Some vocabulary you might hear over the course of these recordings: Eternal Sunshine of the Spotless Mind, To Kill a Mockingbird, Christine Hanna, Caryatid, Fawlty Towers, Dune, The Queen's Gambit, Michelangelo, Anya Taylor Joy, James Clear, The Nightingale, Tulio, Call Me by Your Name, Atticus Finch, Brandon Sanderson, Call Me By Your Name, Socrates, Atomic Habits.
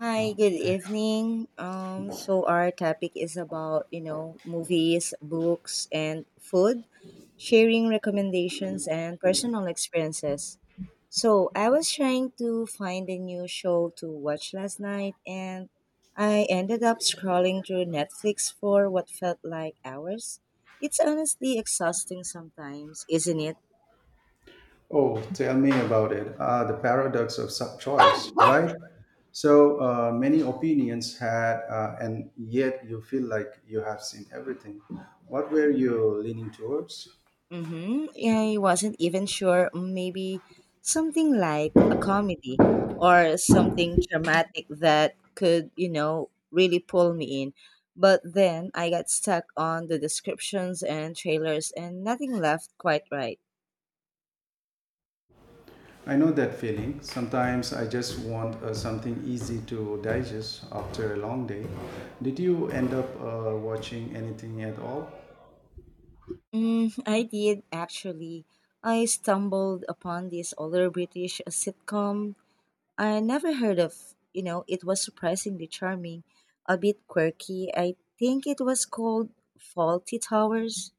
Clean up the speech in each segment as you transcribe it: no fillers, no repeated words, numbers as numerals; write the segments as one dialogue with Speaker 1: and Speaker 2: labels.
Speaker 1: Hi, good evening. So our topic is about, you know, movies, books, and food, sharing recommendations and personal experiences. So I was trying to find a new show to watch last night and I ended up scrolling through Netflix for what felt like hours. It's honestly exhausting sometimes, isn't it?
Speaker 2: Oh, tell me about it. Ah, the paradox of sub choice, right? Many opinions had, and yet you feel like you have seen everything. What were you leaning towards?
Speaker 1: Mm-hmm. Yeah, I wasn't even sure. Maybe something like a comedy or something dramatic that could, you know, really pull me in. But then I got stuck on the descriptions and trailers and nothing left quite right.
Speaker 2: I know that feeling. Sometimes I just want something easy to digest after a long day. Did you end up watching anything at all?
Speaker 1: Mm, I did actually. I stumbled upon this older British sitcom I never heard of, you know, it was surprisingly charming, a bit quirky. I think it was called Faulty Towers.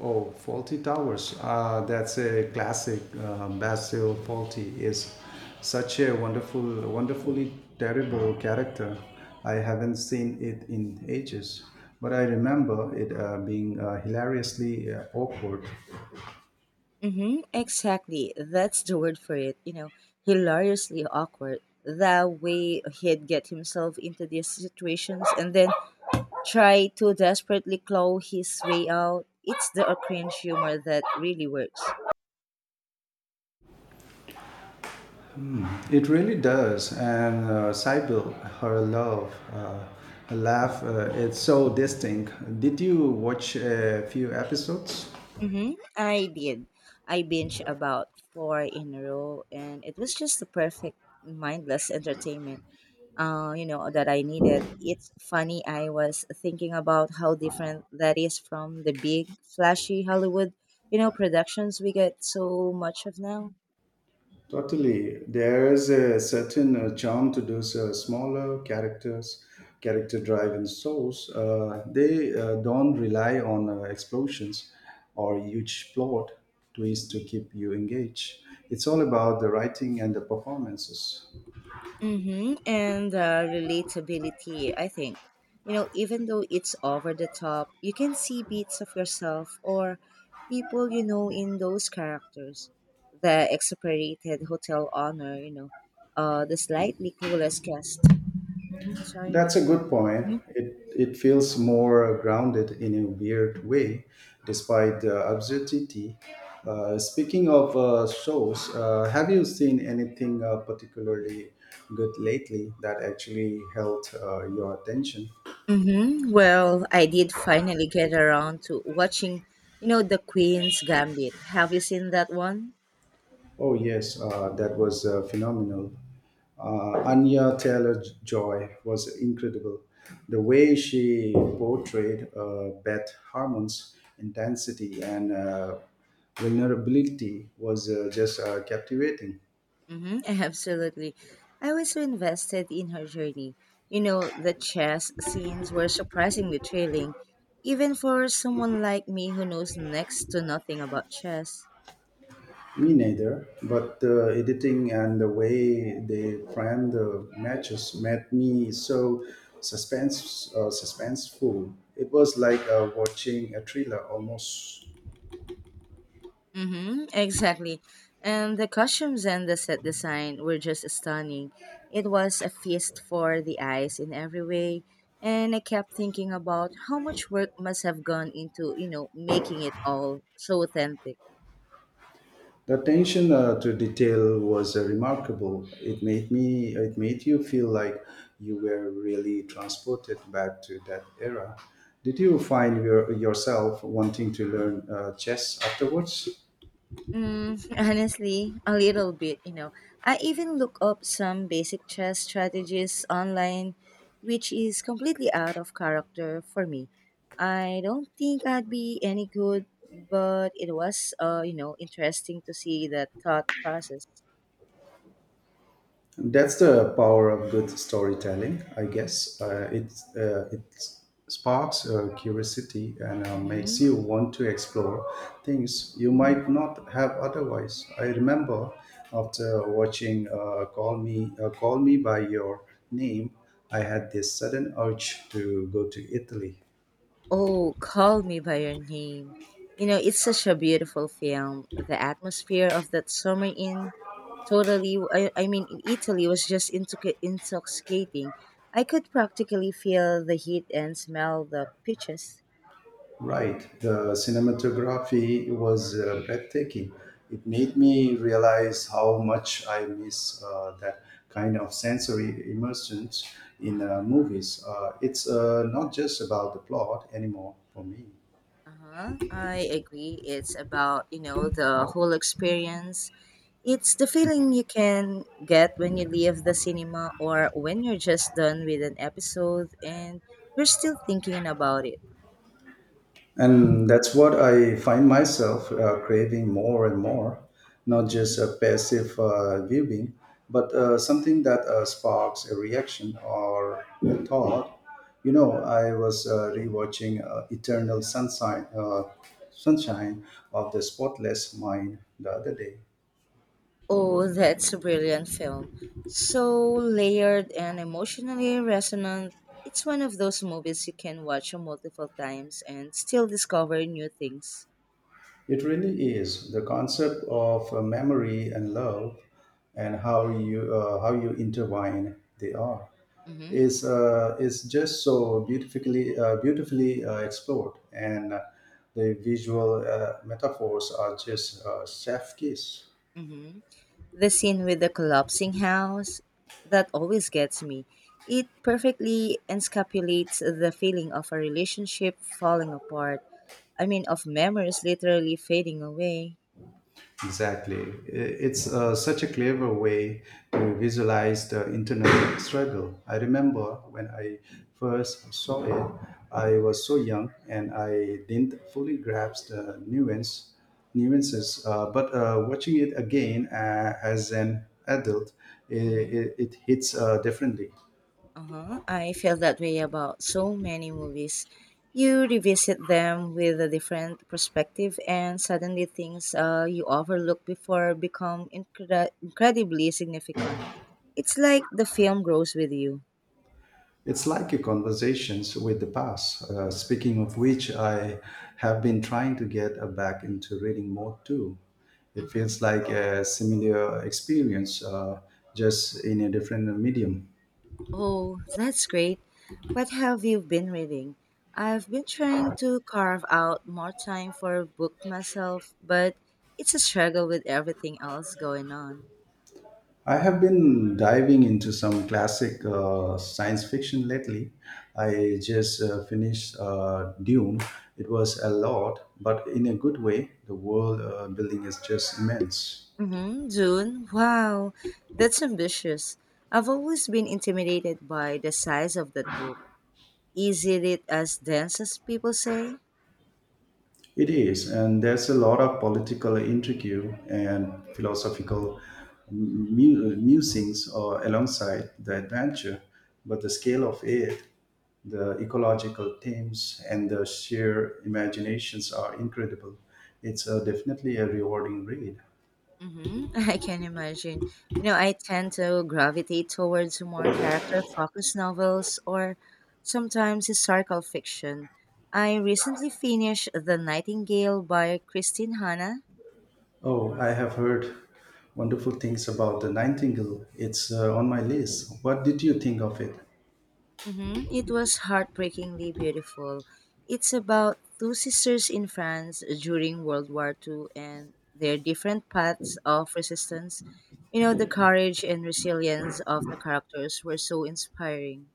Speaker 2: Oh, faulty towers. That's a classic. Basil Fawlty is such a wonderfully terrible character. I haven't seen it in ages, but I remember it being hilariously awkward.
Speaker 1: Mm-hmm, exactly. That's the word for it. You know, hilariously awkward. The way he'd get himself into these situations and then try to desperately claw his way out. It's the cringe humor that really works.
Speaker 2: It really does. And Sybil, her love, her laugh, it's so distinct. Did you watch a few episodes?
Speaker 1: Mm-hmm. I did. I binged about four in a row, and it was just the perfect mindless entertainment. You know that I needed. It's funny. I was thinking about how different that is from the big, flashy Hollywood, you know, productions we get so much of now.
Speaker 2: Totally. There is a certain charm to those smaller character driven shows. They don't rely on explosions or huge plot twists to keep you engaged. It's all about the writing and the performances.
Speaker 1: Mm-hmm. And relatability, I think. You know, even though it's over the top, you can see bits of yourself or people you know in those characters. The exasperated hotel owner, the slightly clueless guest. Mhm. Sorry.
Speaker 2: That's a good point. It feels more grounded in a weird way, despite the absurdity. Speaking of shows, have you seen anything particularly good lately that actually held your attention?
Speaker 1: Mm-hmm. Well, I did finally get around to watching, you know, The Queen's Gambit. Have you seen that one?
Speaker 2: Oh, yes, that was phenomenal. Anya Taylor Joy was incredible. The way she portrayed Beth Harmon's intensity and vulnerability was just captivating.
Speaker 1: Mm-hmm, absolutely. I was so invested in her journey. You know, the chess scenes were surprisingly thrilling, even for someone like me who knows next to nothing about chess.
Speaker 2: Me neither, but the editing and the way they framed the matches made me so suspenseful. It was like watching a thriller almost.
Speaker 1: Mm-hmm, exactly. And the costumes and the set design were just stunning. It was a feast for the eyes in every way. And I kept thinking about how much work must have gone into, you know, making it all so authentic.
Speaker 2: The attention to detail was remarkable. It made me, it made you feel like you were really transported back to that era. Did you find yourself wanting to learn chess afterwards?
Speaker 1: Mm, honestly, a little bit, you know. I even look up some basic chess strategies online, which is completely out of character for me. I don't think I'd be any good, but it was, you know, interesting to see that thought process.
Speaker 2: That's the power of good storytelling, I guess. It sparks curiosity and makes you want to explore things you might not have otherwise. I remember after watching Call Me by Your Name, I had this sudden urge to go to Italy.
Speaker 1: Oh, Call Me By Your Name. You know, it's such a beautiful film. The atmosphere of that summer in totally, I mean, in Italy was just intoxicating. I could practically feel the heat and smell the peaches.
Speaker 2: Right. The cinematography was breathtaking. It made
Speaker 1: Mm-hmm.
Speaker 2: me realize how much I miss that kind of sensory immersion in movies. It's not just about the plot anymore for me.
Speaker 1: Uh-huh. I agree. It's about, you know, the whole experience. It's the feeling you can get when you leave the cinema or when you're just done with an episode and you're still thinking about it.
Speaker 2: And that's what I find myself craving more and more, not
Speaker 1: Mm-hmm.
Speaker 2: just a passive viewing, but something that sparks a reaction or a thought. You know, I was rewatching Sunshine of the Spotless Mind the other day.
Speaker 1: Oh, that's a brilliant film. So layered and emotionally resonant. It's one of those movies you can watch multiple times and still discover new things.
Speaker 2: It really is the concept of memory and love and how you intertwine they are.
Speaker 1: Hmm.
Speaker 2: Is just so beautifully explored, and the visual metaphors are just chef kiss.
Speaker 1: Hmm. The scene with the collapsing house, that always gets me. It perfectly encapsulates the feeling of a relationship falling apart. I mean, of memories literally fading away.
Speaker 2: Exactly. It's such a clever way to visualize the internal struggle. I remember when I first saw it, I was so young and I didn't fully grasp the nuances. But watching it again as an adult,
Speaker 1: Mhm.
Speaker 2: it hits differently.
Speaker 1: Uh-huh. I feel that way about so many movies. You revisit them with a different perspective, and suddenly things you overlooked before become incredibly significant. It's like the film grows with you.
Speaker 2: It's like a conversations with the past. Speaking of which, I have been trying to get back into reading more too. It feels
Speaker 1: Hmm.
Speaker 2: like a similar experience, just in a different medium.
Speaker 1: Oh, that's great. What have you been reading? I've been trying to carve out more time for a book myself, but it's a struggle with everything else going on.
Speaker 2: I have been diving into some classic science fiction lately. I just finished Dune. It was a lot, but in a good way. The world building is just immense.
Speaker 1: Mm-hmm. June? Wow, that's ambitious. I've always been intimidated by the size of that book. Is it as dense as people say?
Speaker 2: It is, and there's a lot of political intrigue and philosophical musings or alongside the adventure, but the scale of it, the ecological themes, and the sheer imaginations are incredible. It's definitely a rewarding read.
Speaker 1: Mm-hmm, I can imagine. You know, I tend to gravitate towards more character focused novels or sometimes historical fiction. I recently finished The Nightingale by Christine Hanna.
Speaker 2: Oh, I have heard wonderful things about the Nightingale. It's on my list. What did you think of it?
Speaker 1: Hmm. It was heartbreakingly beautiful. It's about two sisters in France during World War II and their different paths of resistance. You know, the courage and resilience of the characters were so inspiring.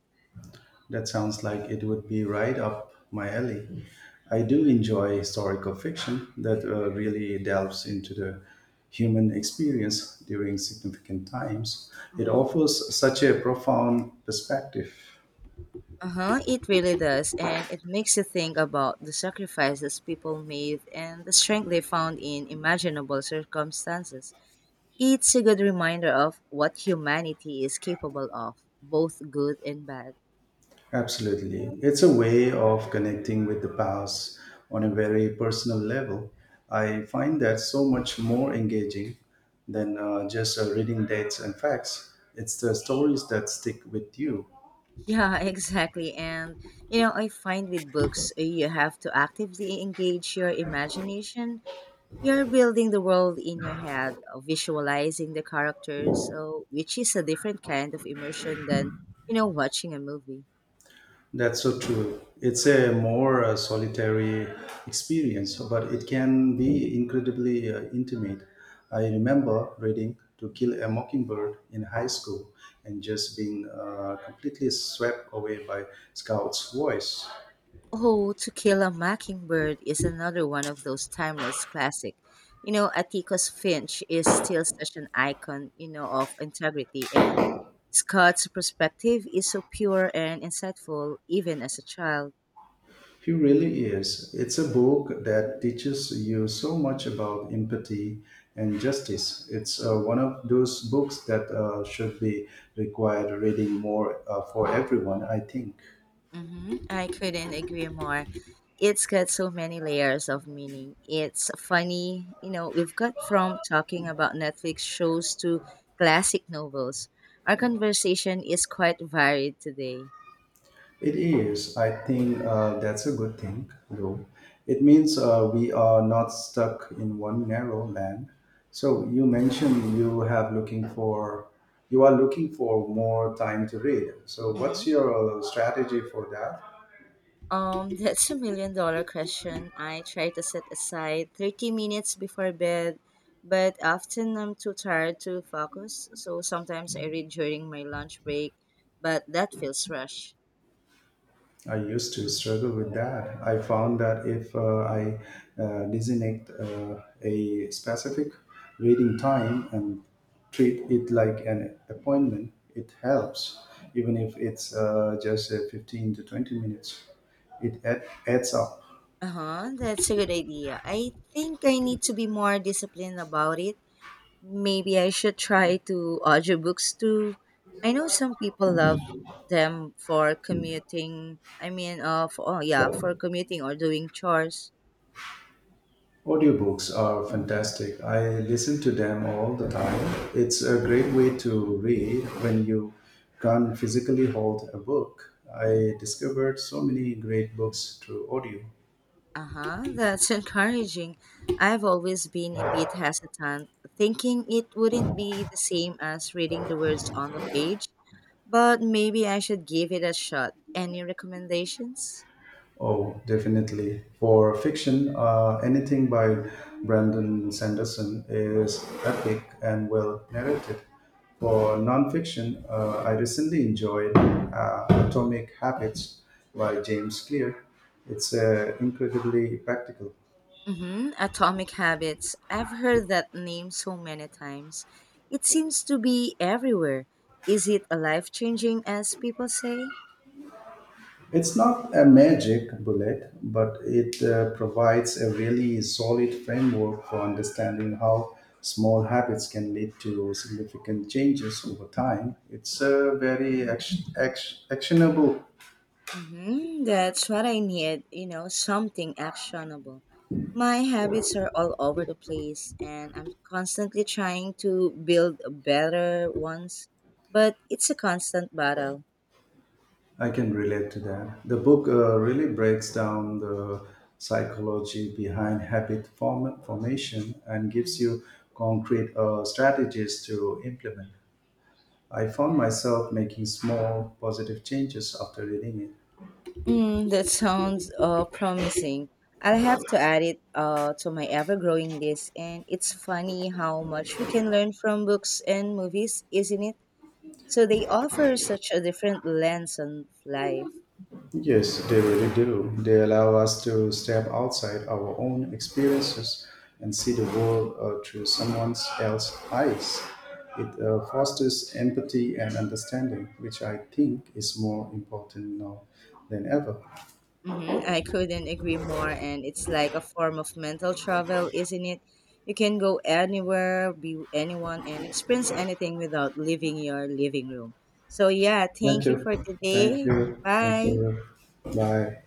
Speaker 2: That sounds like it would be right up my alley. I do enjoy historical fiction that really delves into the human experience during significant times. It
Speaker 1: Hmm.
Speaker 2: offers such a profound perspective.
Speaker 1: Uh huh, it really does. And it makes you think about the sacrifices people made and the strength they found in imaginable circumstances. It's a good reminder of what humanity is capable of, both good and bad.
Speaker 2: Absolutely. It's a way of connecting with the past on a very personal level. I find that so much more engaging than just reading dates and facts. It's the stories that stick with you.
Speaker 1: Yeah, exactly. And, you know, I find with books, you have to actively engage your imagination. You're building the world in your head, visualizing the characters, so, which is a different kind of immersion than, you know, watching a movie.
Speaker 2: That's so true. It's a more solitary experience, but it can be incredibly intimate. I remember reading To Kill a Mockingbird in high school and just being completely swept away by Scout's voice.
Speaker 1: Oh, To Kill a Mockingbird is another one of those timeless classic. You know, Atticus Finch is still such an icon, you know, of integrity and Scott's perspective is so pure and insightful even as a child.
Speaker 2: He really is. It's a book that teaches you so much about empathy and justice. It's one of those books that should be required reading more for everyone, I think.
Speaker 1: Hmm. I couldn't agree more. It's got so many layers of meaning. It's funny, you know, we've got from talking about Netflix shows to classic novels. Our conversation is quite varied today.
Speaker 2: It is. I think that's a good thing, though. It means we are not stuck in one narrow lane. So you are looking for more time to read. So what's
Speaker 1: Mhm.
Speaker 2: your strategy for that?
Speaker 1: That's a million-dollar question. I try to set aside 30 minutes before bed, but often I'm too tired to focus, so sometimes I read during my lunch break, but that feels rushed.
Speaker 2: I used to struggle with that. I found that if I designate a specific reading time and treat it like an appointment, it
Speaker 1: Mhm.
Speaker 2: helps, even if it's just 15 to 20 minutes. It add, adds up.
Speaker 1: Uh-huh, that's a good idea. I think I need to be more disciplined about it. Maybe I should try to audiobooks too. I know some people love them for commuting. I mean, for, oh yeah, for commuting or doing chores.
Speaker 2: Audiobooks are fantastic. I listen to them all the time. It's a great way to read when you can't physically hold a book. I discovered so many great books through audio.
Speaker 1: Uh-huh, that's encouraging. I've always been a bit hesitant, thinking it wouldn't be the same as reading the words on the page, but maybe I should give it a shot. Any recommendations?
Speaker 2: Oh, definitely. For fiction, anything by Brandon Sanderson is epic and well narrated. For nonfiction, I recently enjoyed Atomic Habits by James Clear. It's incredibly practical.
Speaker 1: Mm-hmm. Atomic Habits. I've heard that name so many times. It seems to be everywhere. Is it a life-changing as people say?
Speaker 2: It's not a magic bullet, but it provides a really solid framework for understanding how small habits can lead to significant changes over time. It's a very actionable.
Speaker 1: Mm-hmm. That's what I need, you know, something actionable. My habits are all over the place, and I'm constantly trying to build better ones, but it's a constant battle.
Speaker 2: I can relate to that. The book really breaks down the psychology behind formation and gives
Speaker 1: Mm-hmm.
Speaker 2: you concrete strategies to implement. I found myself making small positive changes after reading it.
Speaker 1: Mm, that sounds promising. I'll have to add it to my ever growing list, and it's funny how much we can learn from books and movies, isn't it? So they offer such a different lens on life.
Speaker 2: Yes, they really do. They allow us to step outside our own experiences and see the world through someone else's eyes. It fosters empathy and understanding, which I think is more important now than ever.
Speaker 1: Mm-hmm. I couldn't agree more. And it's like a form of mental travel, isn't it? You can go anywhere, be with anyone, and experience anything without leaving your living room. So, yeah,
Speaker 2: Thank
Speaker 1: thank you
Speaker 2: you.
Speaker 1: for
Speaker 2: Thank
Speaker 1: today.
Speaker 2: you. Thank
Speaker 1: Bye.
Speaker 2: you. Bye.